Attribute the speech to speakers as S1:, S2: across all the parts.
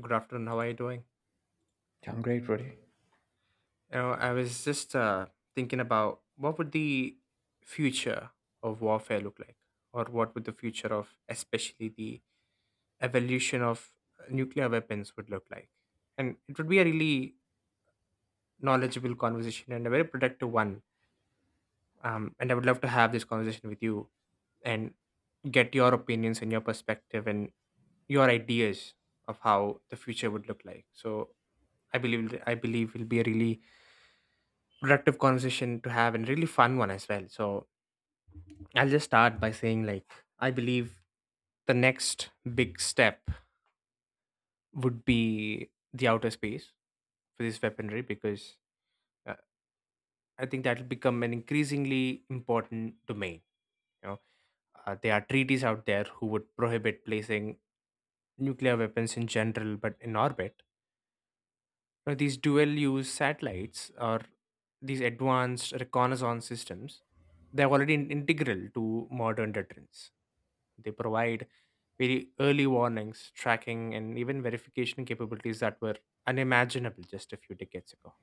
S1: Good afternoon. How are you doing?
S2: I'm great, Rudy.
S1: I was just thinking about what would the future of warfare look like, or what would the future of, especially the evolution of nuclear weapons, would look like. And it would be a really knowledgeable conversation and a very productive one. And I would love to have this conversation with you and get your opinions and your perspective and your ideas of how the future would look like. So I believe will be a really productive conversation to have and really fun one as well. So I'll just start by saying like I believe the next big step would be the outer space for this weaponry because uh, I think that will become an increasingly important domain. You know, there are treaties out there who would prohibit placing nuclear weapons in general, but in orbit. Now, these dual use satellites or these advanced reconnaissance systems, they're already integral to modern deterrence. They provide very early warnings, tracking, and even verification capabilities that were unimaginable just a few decades ago.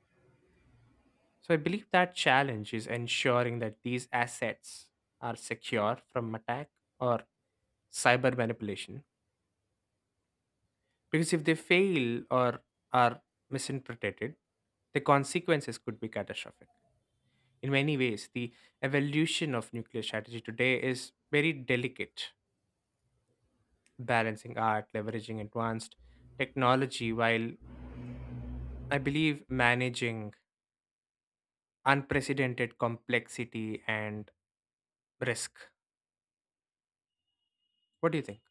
S1: So I believe that challenge is ensuring that these assets are secure from attack or cyber manipulation. Because if they fail or are misinterpreted, the consequences could be catastrophic. In many ways, the evolution of nuclear strategy today is very delicate, balancing art, leveraging advanced technology, while I believe managing unprecedented complexity and risk. What do you think?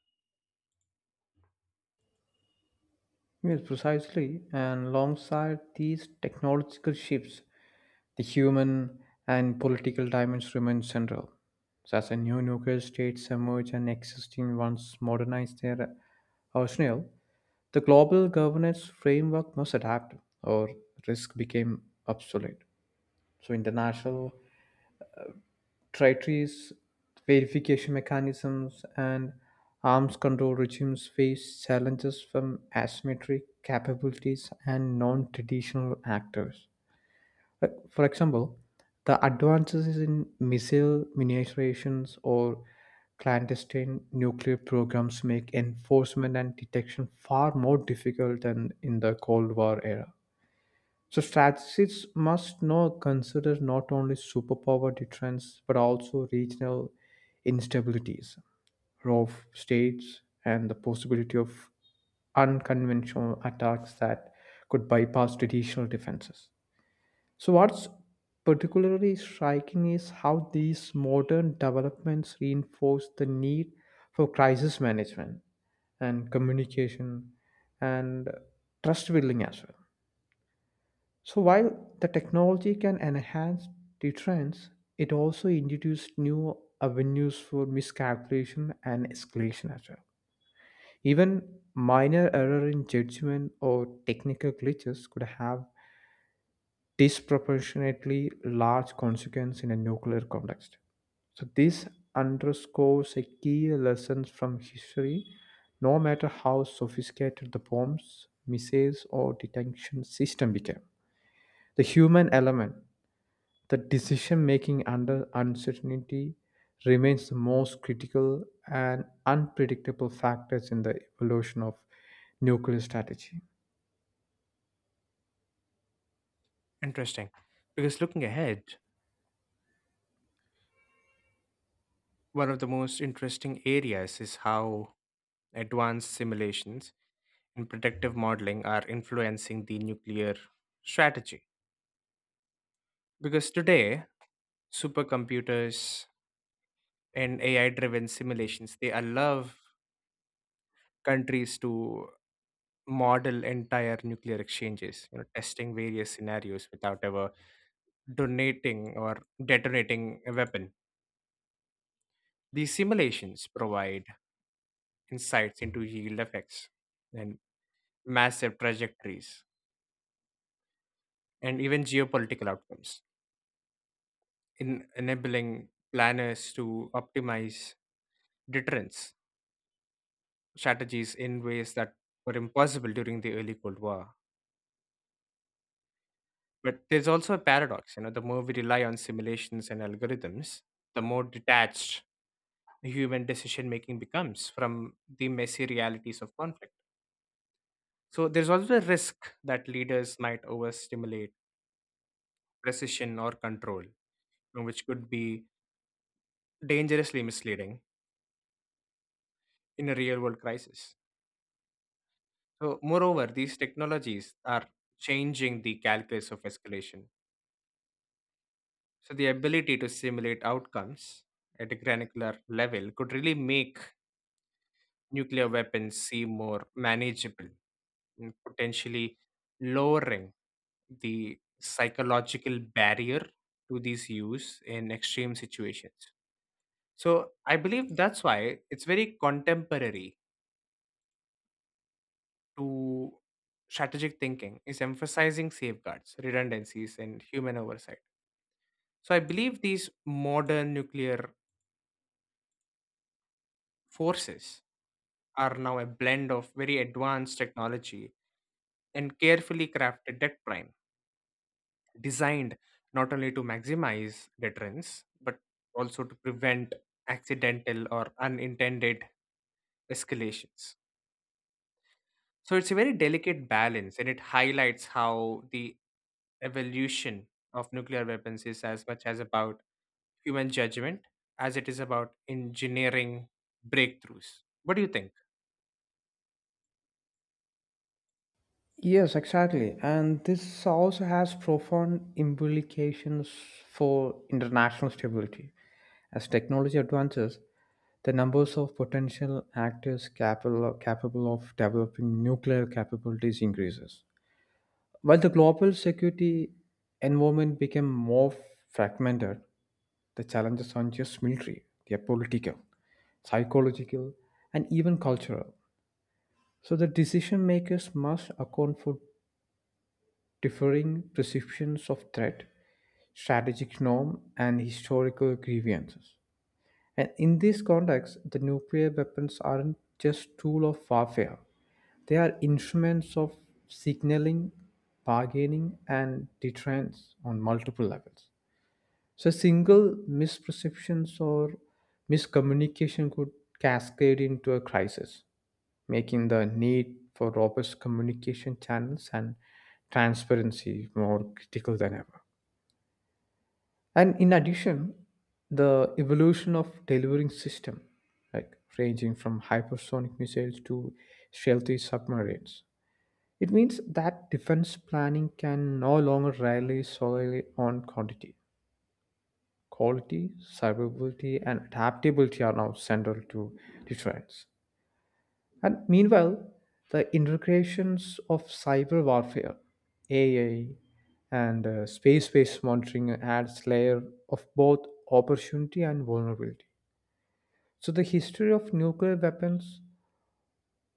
S2: Yes, precisely. And alongside these technological shifts, the human and political dimensions remain central. So as a new nuclear states emerge and existing ones modernize their arsenal, the global governance framework must adapt or risk became obsolete. So international treaties, verification mechanisms, and arms control regimes face challenges from asymmetric capabilities and non traditional actors. Like, for example, the advances in missile miniaturizations or clandestine nuclear programs make enforcement and detection far more difficult than in the Cold War era. So strategists must now consider not only superpower deterrence but also regional instabilities, rogue states, and the possibility of unconventional attacks that could bypass traditional defenses. So what's particularly striking is how these modern developments reinforce the need for crisis management and communication and trust building as well, so while the technology can enhance deterrence, it also introduced new avenues for miscalculation and escalation as well. Even minor error in judgment or technical glitches could have disproportionately large consequence in a nuclear context. So this underscores a key lesson from history. No matter how sophisticated the bombs, missiles, or detection system became, the human element, the decision making under uncertainty, remains the most critical and unpredictable factors in the evolution of nuclear strategy.
S1: Interesting. Because looking ahead, one of the most interesting areas is how advanced simulations and predictive modeling are influencing the nuclear strategy. Because today, supercomputers and AI driven simulations. They allow countries to model entire nuclear exchanges, testing various scenarios without ever donating or detonating a weapon. These simulations provide insights into yield effects and massive trajectories and even geopolitical outcomes, in enabling planners to optimize deterrence strategies in ways that were impossible during the early Cold War. But there's also a paradox, the more we rely on simulations and algorithms, the more detached human decision making becomes from the messy realities of conflict. So there's also a risk that leaders might overstimulate precision or control, which could be dangerously misleading in a real world crisis. So, moreover, these technologies are changing the calculus of escalation. So, the ability to simulate outcomes at a granular level could really make nuclear weapons seem more manageable, and potentially lowering the psychological barrier to these use in extreme situations. So I believe that's why it's very contemporary to strategic thinking is emphasizing safeguards, redundancies, and human oversight. So I believe these modern nuclear forces are now a blend of very advanced technology and carefully crafted deck designed not only to maximize deterrence but also to prevent accidental or unintended escalations. So it's a very delicate balance and it highlights how the evolution of nuclear weapons is as much as about human judgment as it is about engineering breakthroughs. What do you think?
S2: Yes, exactly. And this also has profound implications for international stability. As technology advances, the numbers of potential actors capable, capable of developing nuclear capabilities increases. While the global security environment became more fragmented, the challenges aren't just military, they are political, psychological, and even cultural. So the decision makers must account for differing perceptions of threat, strategic norm, and historical grievances. And in this context, the nuclear weapons aren't just tool of warfare. They are instruments of signaling, bargaining, and deterrence on multiple levels. So, single misperceptions or miscommunication could cascade into a crisis, making the need for robust communication channels and transparency more critical than ever. And in addition, the evolution of delivering system, like ranging from hypersonic missiles to stealthy submarines, it means that defense planning can no longer rely solely on quantity. Quality, survivability, and adaptability are now central to deterrence. And meanwhile, the integrations of cyber warfare, AI, and space-based monitoring adds layer of both opportunity and vulnerability. So the history of nuclear weapons,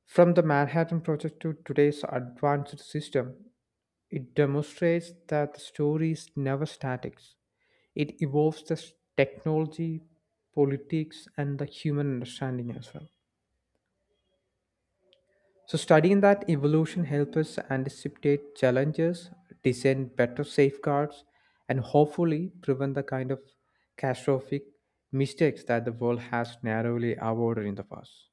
S2: from the Manhattan Project to today's advanced system, it demonstrates that the story is never static. It evolves the technology, politics, and the human understanding as well. So, studying that evolution helps us anticipate challenges, design better safeguards, and hopefully prevent the kind of catastrophic mistakes that the world has narrowly avoided in the past.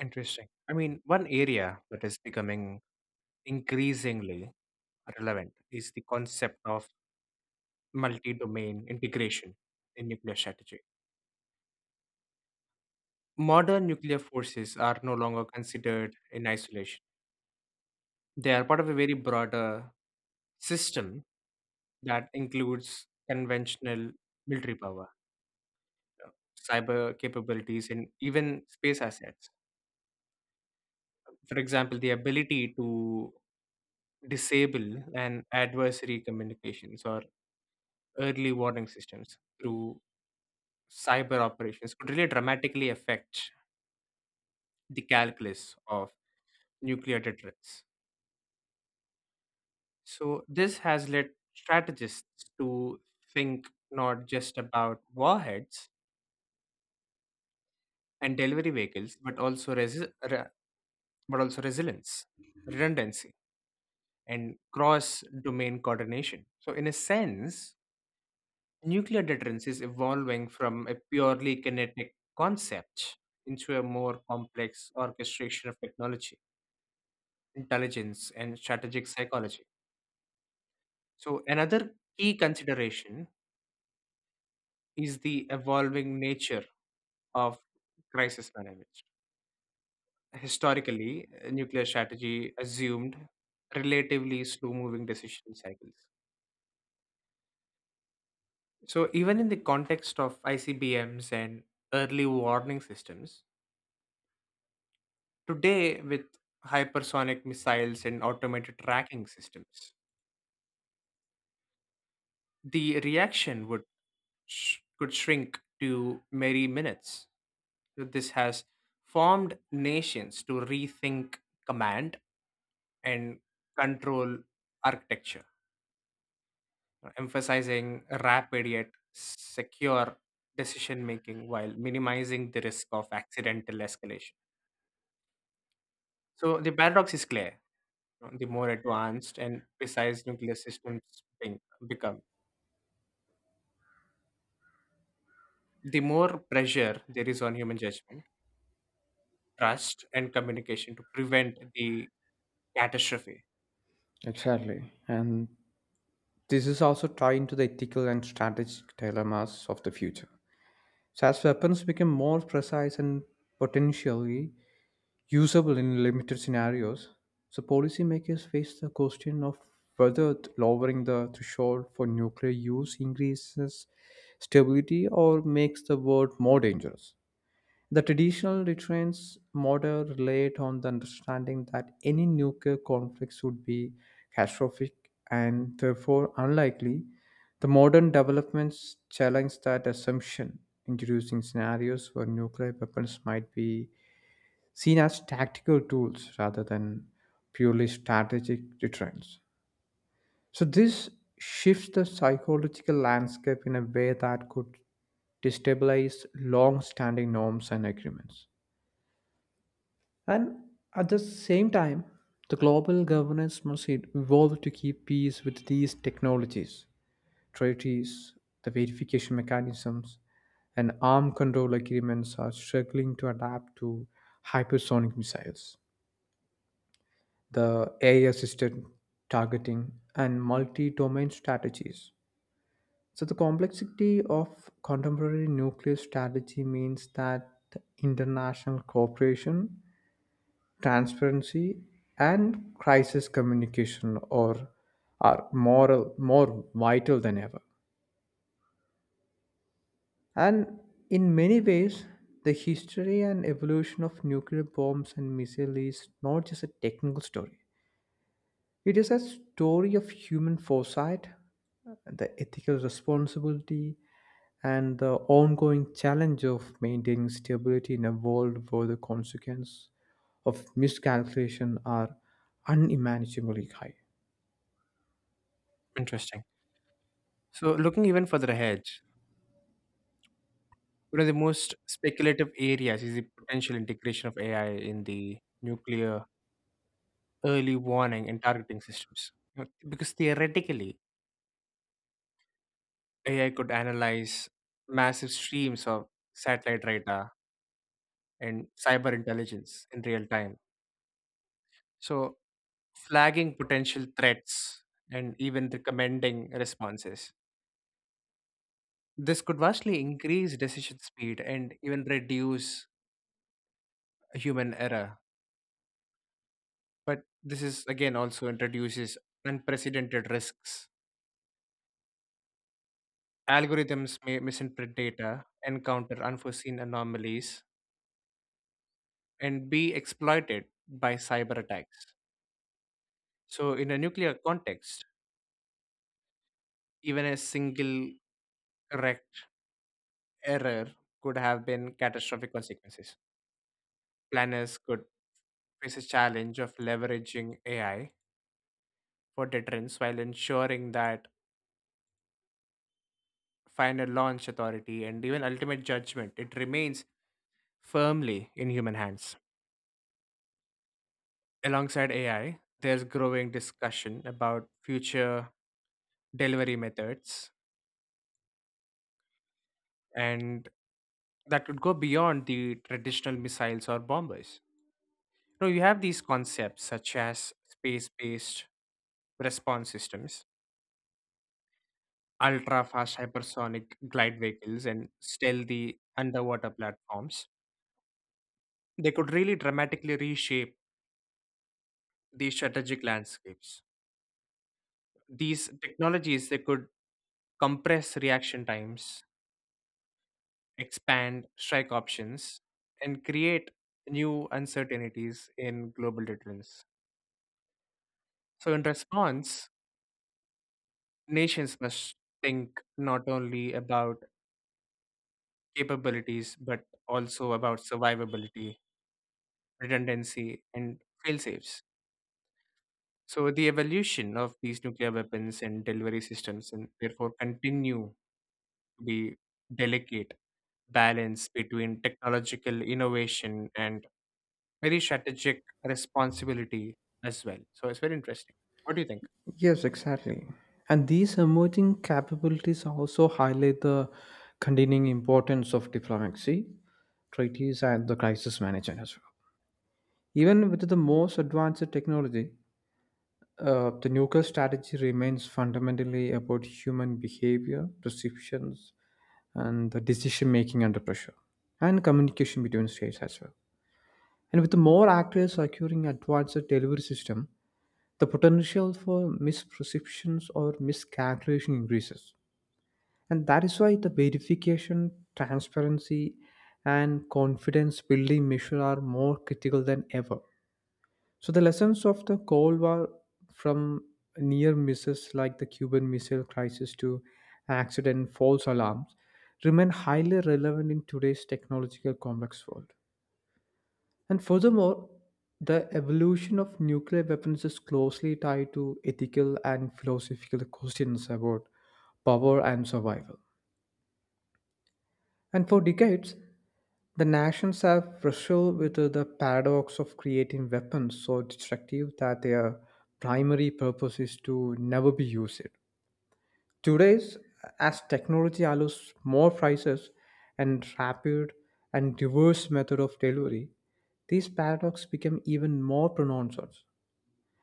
S1: Interesting. I mean, one area that is becoming increasingly relevant is the concept of multi-domain integration in nuclear strategy. Modern nuclear forces are no longer considered in isolation. They are part of a very broader system that includes conventional military power, uh, cyber capabilities, and even space assets. For example, the ability to disable an adversary communications or early warning systems through cyber operations could really dramatically affect the calculus of nuclear deterrence. So this has led strategists to think not just about warheads and delivery vehicles, but also but also resilience, redundancy, and cross-domain coordination. So in a sense, nuclear deterrence is evolving from a purely kinetic concept into a more complex orchestration of technology, intelligence, and strategic psychology. So another key consideration is the evolving nature of crisis management. Historically, nuclear strategy assumed relatively slow moving decision cycles. So, even in the context of ICBMs and early warning systems, today with hypersonic missiles and automated tracking systems, the reaction would could shrink to mere minutes. So this has formed nations to rethink command and control architecture emphasizing rapid yet secure decision making while minimizing the risk of accidental escalation. So the paradox is clear. The more advanced and precise nuclear systems being- become, the more pressure there is on human judgment, trust, and communication to prevent the catastrophe.
S2: Exactly. And this is also tied into the ethical and strategic dilemmas of the future. So, as weapons become more precise and potentially usable in limited scenarios. So policymakers face the question of whether lowering the threshold for nuclear use increases stability or makes the world more dangerous. The traditional deterrence model relied on the understanding that any nuclear conflicts would be catastrophic and therefore unlikely. The modern developments challenge that assumption, introducing scenarios where nuclear weapons might be seen as tactical tools rather than purely strategic deterrents. So, this shifts the psychological landscape in a way that could destabilize long standing norms and agreements. And at the same time, the global governance must evolve to keep pace with these technologies, treaties, the verification mechanisms, and arm control agreements are struggling to adapt to hypersonic missiles, the AI assisted targeting, and multi domain strategies. So, the complexity of contemporary nuclear strategy means that international cooperation, transparency, and crisis communication or are moral, more vital than ever. And in many ways, the history and evolution of nuclear bombs and missiles is not just a technical story. It is a story of human foresight, the ethical responsibility, and the ongoing challenge of maintaining stability in a world where the consequences of miscalculation are unimaginably high.
S1: Interesting. So looking even further ahead, one of the most speculative areas is the potential integration of AI in the nuclear early warning and targeting systems. Because theoretically, AI could analyze massive streams of satellite radar and cyber intelligence in real time. So, flagging potential threats and even recommending responses. This could vastly increase decision speed and even reduce human error. But this is again also introduces unprecedented risks. Algorithms may misinterpret data, encounter unforeseen anomalies, and be exploited by cyber attacks. So, in a nuclear context, even a single correct error could have been catastrophic consequences. Planners could face a challenge of leveraging AI for deterrence while ensuring that final launch authority and even ultimate judgment it remains firmly in human hands. Alongside AI, there's growing discussion about future delivery methods and that would go beyond the traditional missiles or bombers. Now you have these concepts such as space-based response systems, ultra-fast hypersonic glide vehicles, and stealthy underwater platforms. They could really dramatically reshape the strategic landscapes. These technologies they could compress reaction times, expand strike options, and create new uncertainties in global deterrence. So in response, nations must think not only about capabilities but also about survivability, redundancy, and fail-safes. So the evolution of these nuclear weapons and delivery systems and therefore continue to be delicate balance between technological innovation and very strategic responsibility as well. So it's very interesting. What do you think?
S2: Yes, exactly. And these emerging capabilities also highlight the continuing importance of diplomacy, treaties, and the crisis management as well. Even with the most advanced technology, the nuclear strategy remains fundamentally about human behavior, perceptions, and the decision making under pressure, and communication between states as well. And with the more actors securing advanced delivery system, the potential for misperceptions or miscalculation increases. And that is why the verification, transparency, and confidence building measure are more critical than ever. So the lessons of the Cold War, from near misses like the Cuban Missile Crisis to accident and false alarms, remain highly relevant in today's technological complex world. And furthermore, the evolution of nuclear weapons is closely tied to ethical and philosophical questions about power and survival. And for decades, the nations have wrestled with the paradox of creating weapons so destructive that their primary purpose is to never be used. Today, as technology allows more prices and rapid and diverse method of delivery, these paradoxes become even more pronounced.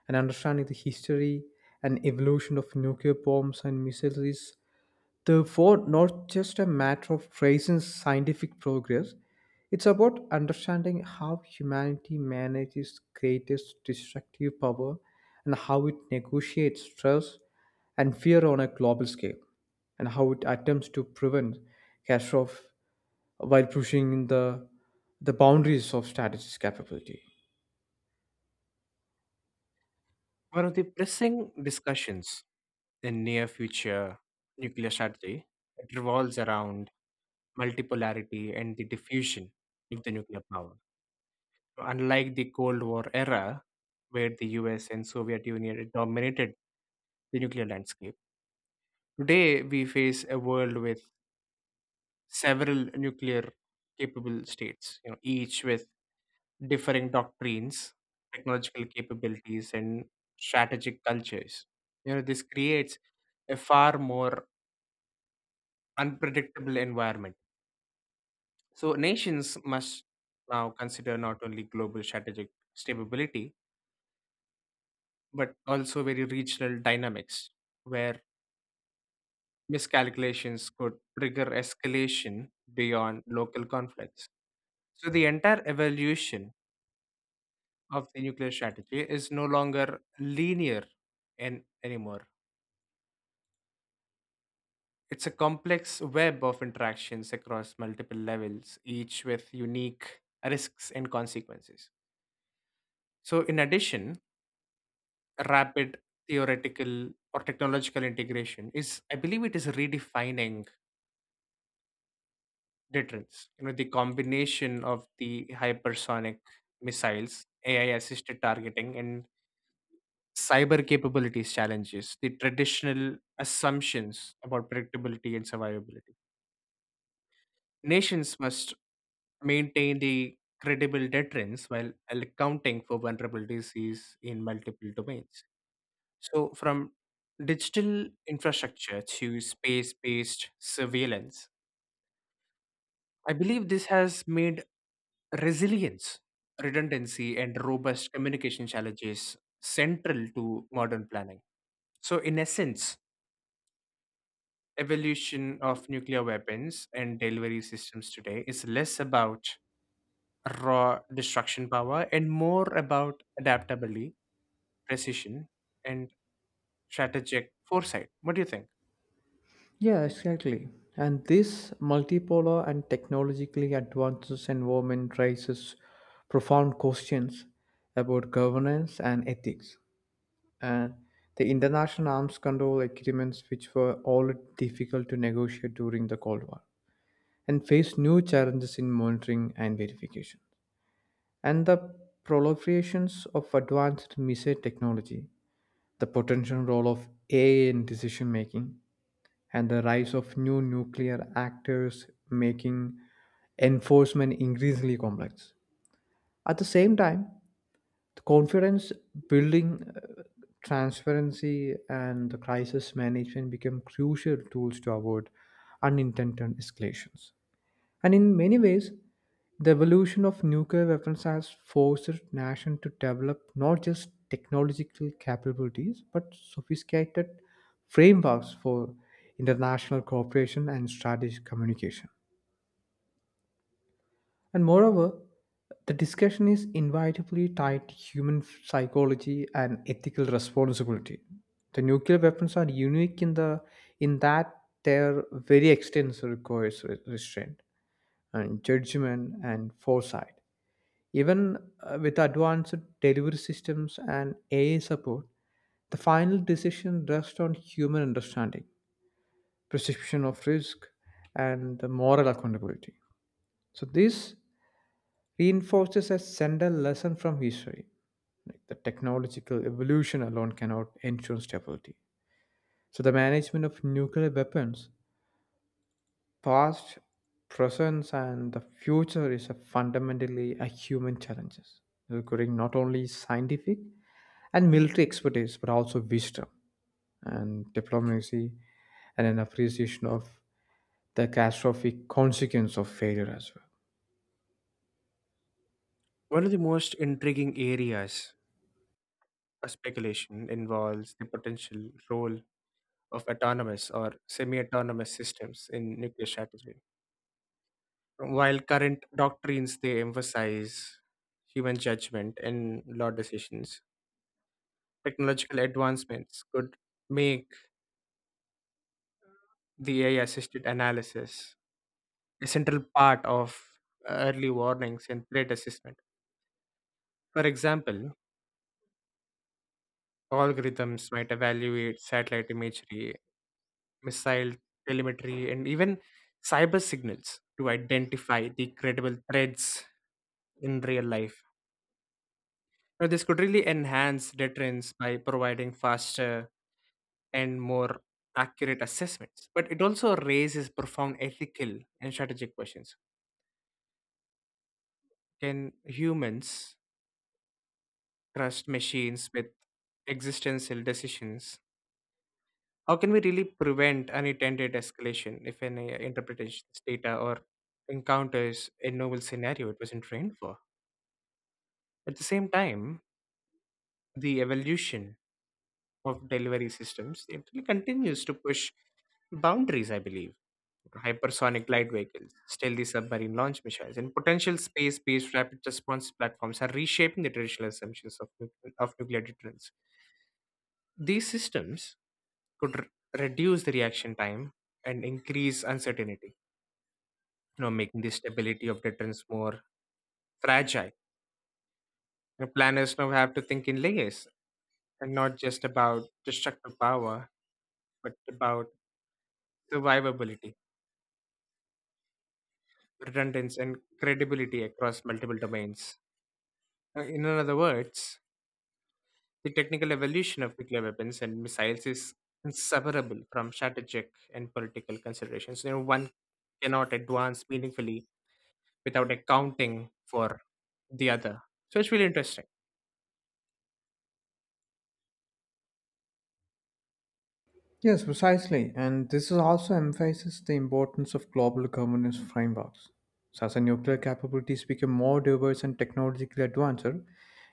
S2: And understanding the history and evolution of nuclear bombs and missiles is the Ford not just a matter of praising scientific progress, it's about understanding how humanity manages greatest destructive power and how it negotiates stress and fear on a global scale, and how it attempts to prevent catastrophe while pushing the boundaries of statistics capability.
S1: One of the pressing discussions in near future nuclear strategy, it revolves around multipolarity and the diffusion of the nuclear power. So, unlike the Cold War era, where the US and Soviet Union dominated the nuclear landscape, today we face a world with several nuclear capable states, each with differing doctrines, technological capabilities, and strategic cultures. This creates a far more unpredictable environment. So nations must now consider not only global strategic stability, but also very regional dynamics, where miscalculations could trigger escalation beyond local conflicts. So the entire evolution of the nuclear strategy is no longer linear an anymore. It's a complex web of interactions across multiple levels, each with unique risks and consequences. So, in addition, rapid theoretical or technological integration is I believe it is redefining deterrence. The combination of the hypersonic missiles ai assisted targeting and cyber capabilities challenges the traditional assumptions about predictability and survivability. Nations must maintain the credible deterrence while accounting for vulnerabilities in multiple domains. So, from digital infrastructure to space based surveillance, I believe this has made resilience, redundancy, and robust communication challenges central to modern planning. So, in essence, evolution of nuclear weapons and delivery systems today is less about raw destruction power and more about adaptability, precision, and strategic foresight. What do you think?
S2: Yeah, exactly. And this multipolar and technologically advanced environment raises profound questions about governance and ethics. And the international arms control agreements, which were all difficult to negotiate during the Cold War, and face new challenges in monitoring and verification. And the proliferations of advanced missile technology, the potential role of AI in decision making, and the rise of new nuclear actors making enforcement increasingly complex. At the same time, the confidence building, transparency, and the crisis management become crucial tools to avoid unintended escalations. And in many ways, the evolution of nuclear weapons has forced nations to develop not just technological capabilities, but sophisticated frameworks for international cooperation and strategic communication. And moreover, the discussion is inevitably tied to human psychology and ethical responsibility. The nuclear weapons are unique in the in that their very extensive requires restraint and judgment and foresight. Even with advanced delivery systems and AI support, the final decision rests on human understanding, perception of risk, and the moral accountability. So, this reinforces a central lesson from history. Like the technological evolution alone cannot ensure stability. So, the management of nuclear weapons, past, presence, and the future is a fundamentally a human challenges requiring not only scientific and military expertise but also wisdom and diplomacy and an appreciation of the catastrophic consequence of failure as well.
S1: One of the most intriguing areas of speculation involves the potential role of autonomous or semi autonomous systems in nuclear strategy. While current doctrines they emphasize human judgment and law decisions, technological advancements could make the AI assisted analysis a central part of early warnings and threat assessment. For example, algorithms might evaluate satellite imagery, missile telemetry, and even cyber signals to identify the credible threats in real life. Now, this could really enhance deterrence by providing faster and more accurate assessments. But it also raises profound ethical and strategic questions. Can humans trust machines with existential decisions? How can we really prevent unintended escalation if an interpretations data or encounters a novel scenario it wasn't trained for? At the same time, the evolution of delivery systems it really continues to push boundaries, I believe. Hypersonic light vehicles, stealthy submarine launch missions, and potential space-based rapid response platforms are reshaping the traditional assumptions of, of nuclear deterrence. These systems could reduce the reaction time and increase uncertainty, making the stability of deterrence more fragile. Planners now have to think in layers and not just about destructive power, but about survivability, redundancy, and credibility across multiple domains. In other words, the technical evolution of nuclear weapons and missiles is inseparable from strategic and political considerations. One cannot advance meaningfully without accounting for the other. So it's really interesting,
S2: Yes, precisely. And this is also emphasizes the importance of global governance frameworks. So as our nuclear capabilities become more diverse and technologically advanced,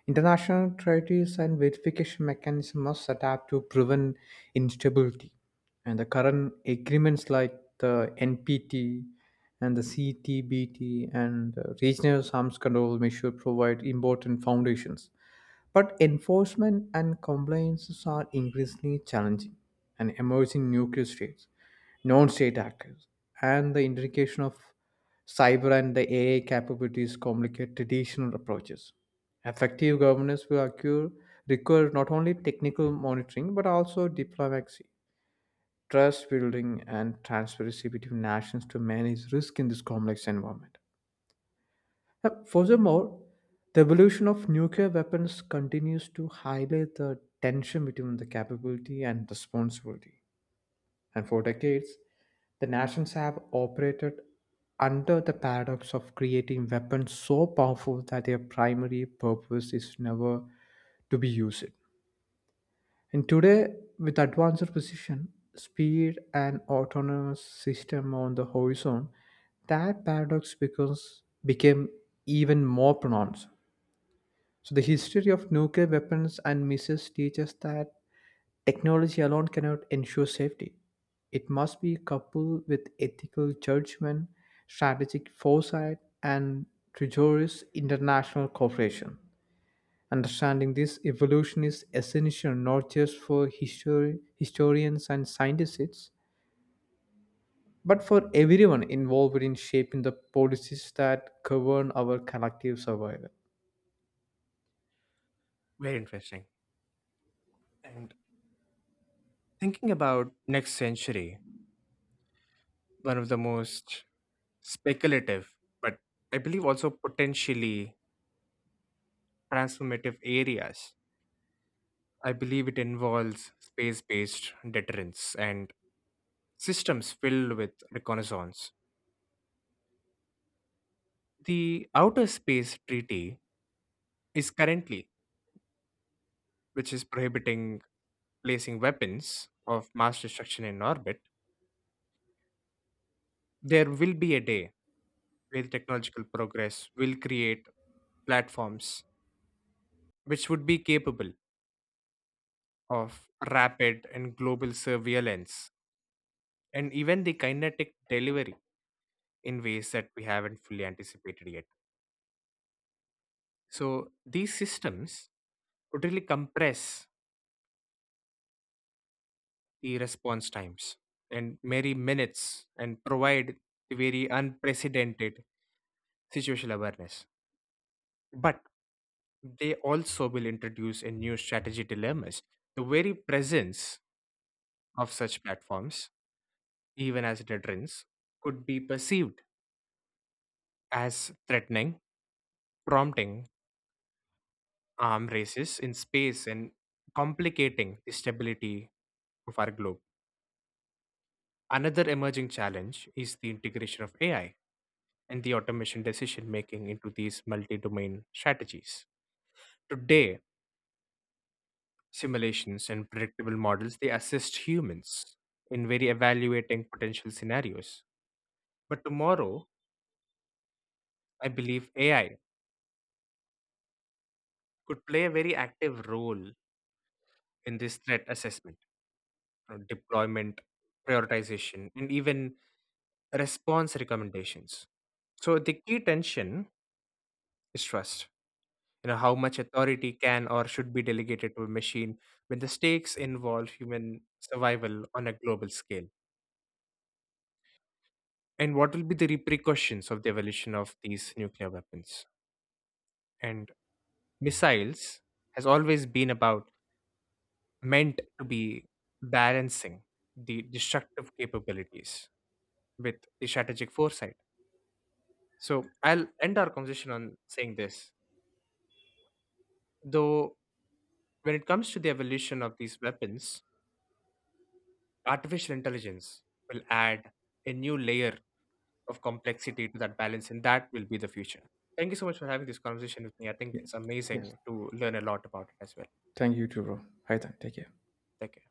S2: international treaties and verification mechanisms must adapt to prevent instability. And the current agreements like the NPT and the CTBT and the regional arms control measure provide important foundations but enforcement and compliance are increasingly challenging, and emerging nuclear states, non state actors, and the integration of cyber and the AI capabilities complicate traditional approaches. Effective governance will occur, require not only technical monitoring but also diplomacy, trust building, and transparency between nations to manage risk in this complex environment. Furthermore, the evolution of nuclear weapons continues to highlight the tension between the capability and responsibility. And for decades, the nations have operated under the paradox of creating weapons so powerful that their primary purpose is never to be used. And today, with advanced precision, speed, and autonomous system on the horizon, that paradox becomes became even more pronounced. So the history of nuclear weapons and missiles teaches that technology alone cannot ensure safety. It must be coupled with ethical judgment, strategic foresight, and rigorous international cooperation. Understanding this evolution is essential not just for historians and scientists, but for everyone involved in shaping the policies that govern our collective survival.
S1: very interesting. And thinking about next century, one of the most speculative, but I believe also potentially transformative areas. I believe it involves space based deterrence and systems filled with reconnaissance. The Outer Space Treaty is currently, which is prohibiting placing weapons of mass destruction in orbit. There will be a day where technological progress will create platforms which would be capable of rapid and global surveillance and even the kinetic delivery in ways that we haven't fully anticipated yet. So these systems totally compress the response times and merely minutes and provide the very unprecedented situational awareness. But they also will introduce a new strategy dilemmas. The very presence of such platforms, even as deterrence, could be perceived as threatening prompting arm races in space and complicating the stability of our globe. Another emerging challenge is the integration of AI and the automation decision making into these multi domain strategies. Today, simulations and predictable models they assist humans in very evaluating potential scenarios. But tomorrow, I believe AI could play a very active role in this threat assessment, deployment, prioritization, and even response recommendations. So the key tension is trust. How much authority can or should be delegated to a machine when the stakes involve human survival on a global scale? And what will be the repercussions of the evolution of these nuclear weapons? And missiles has always been about meant to be balancing the destructive capabilities with the strategic foresight. So I'll end our conversation on saying this. Though when it comes to the evolution of these weapons, artificial intelligence will add a new layer of complexity to that balance, and that will be the future. Thank you so much for having this conversation with me. I think it's
S2: Yes. Yes.
S1: amazing to learn a lot about it as well.
S2: Thank you, Juro. Hi, then. Take care.
S1: Thank you.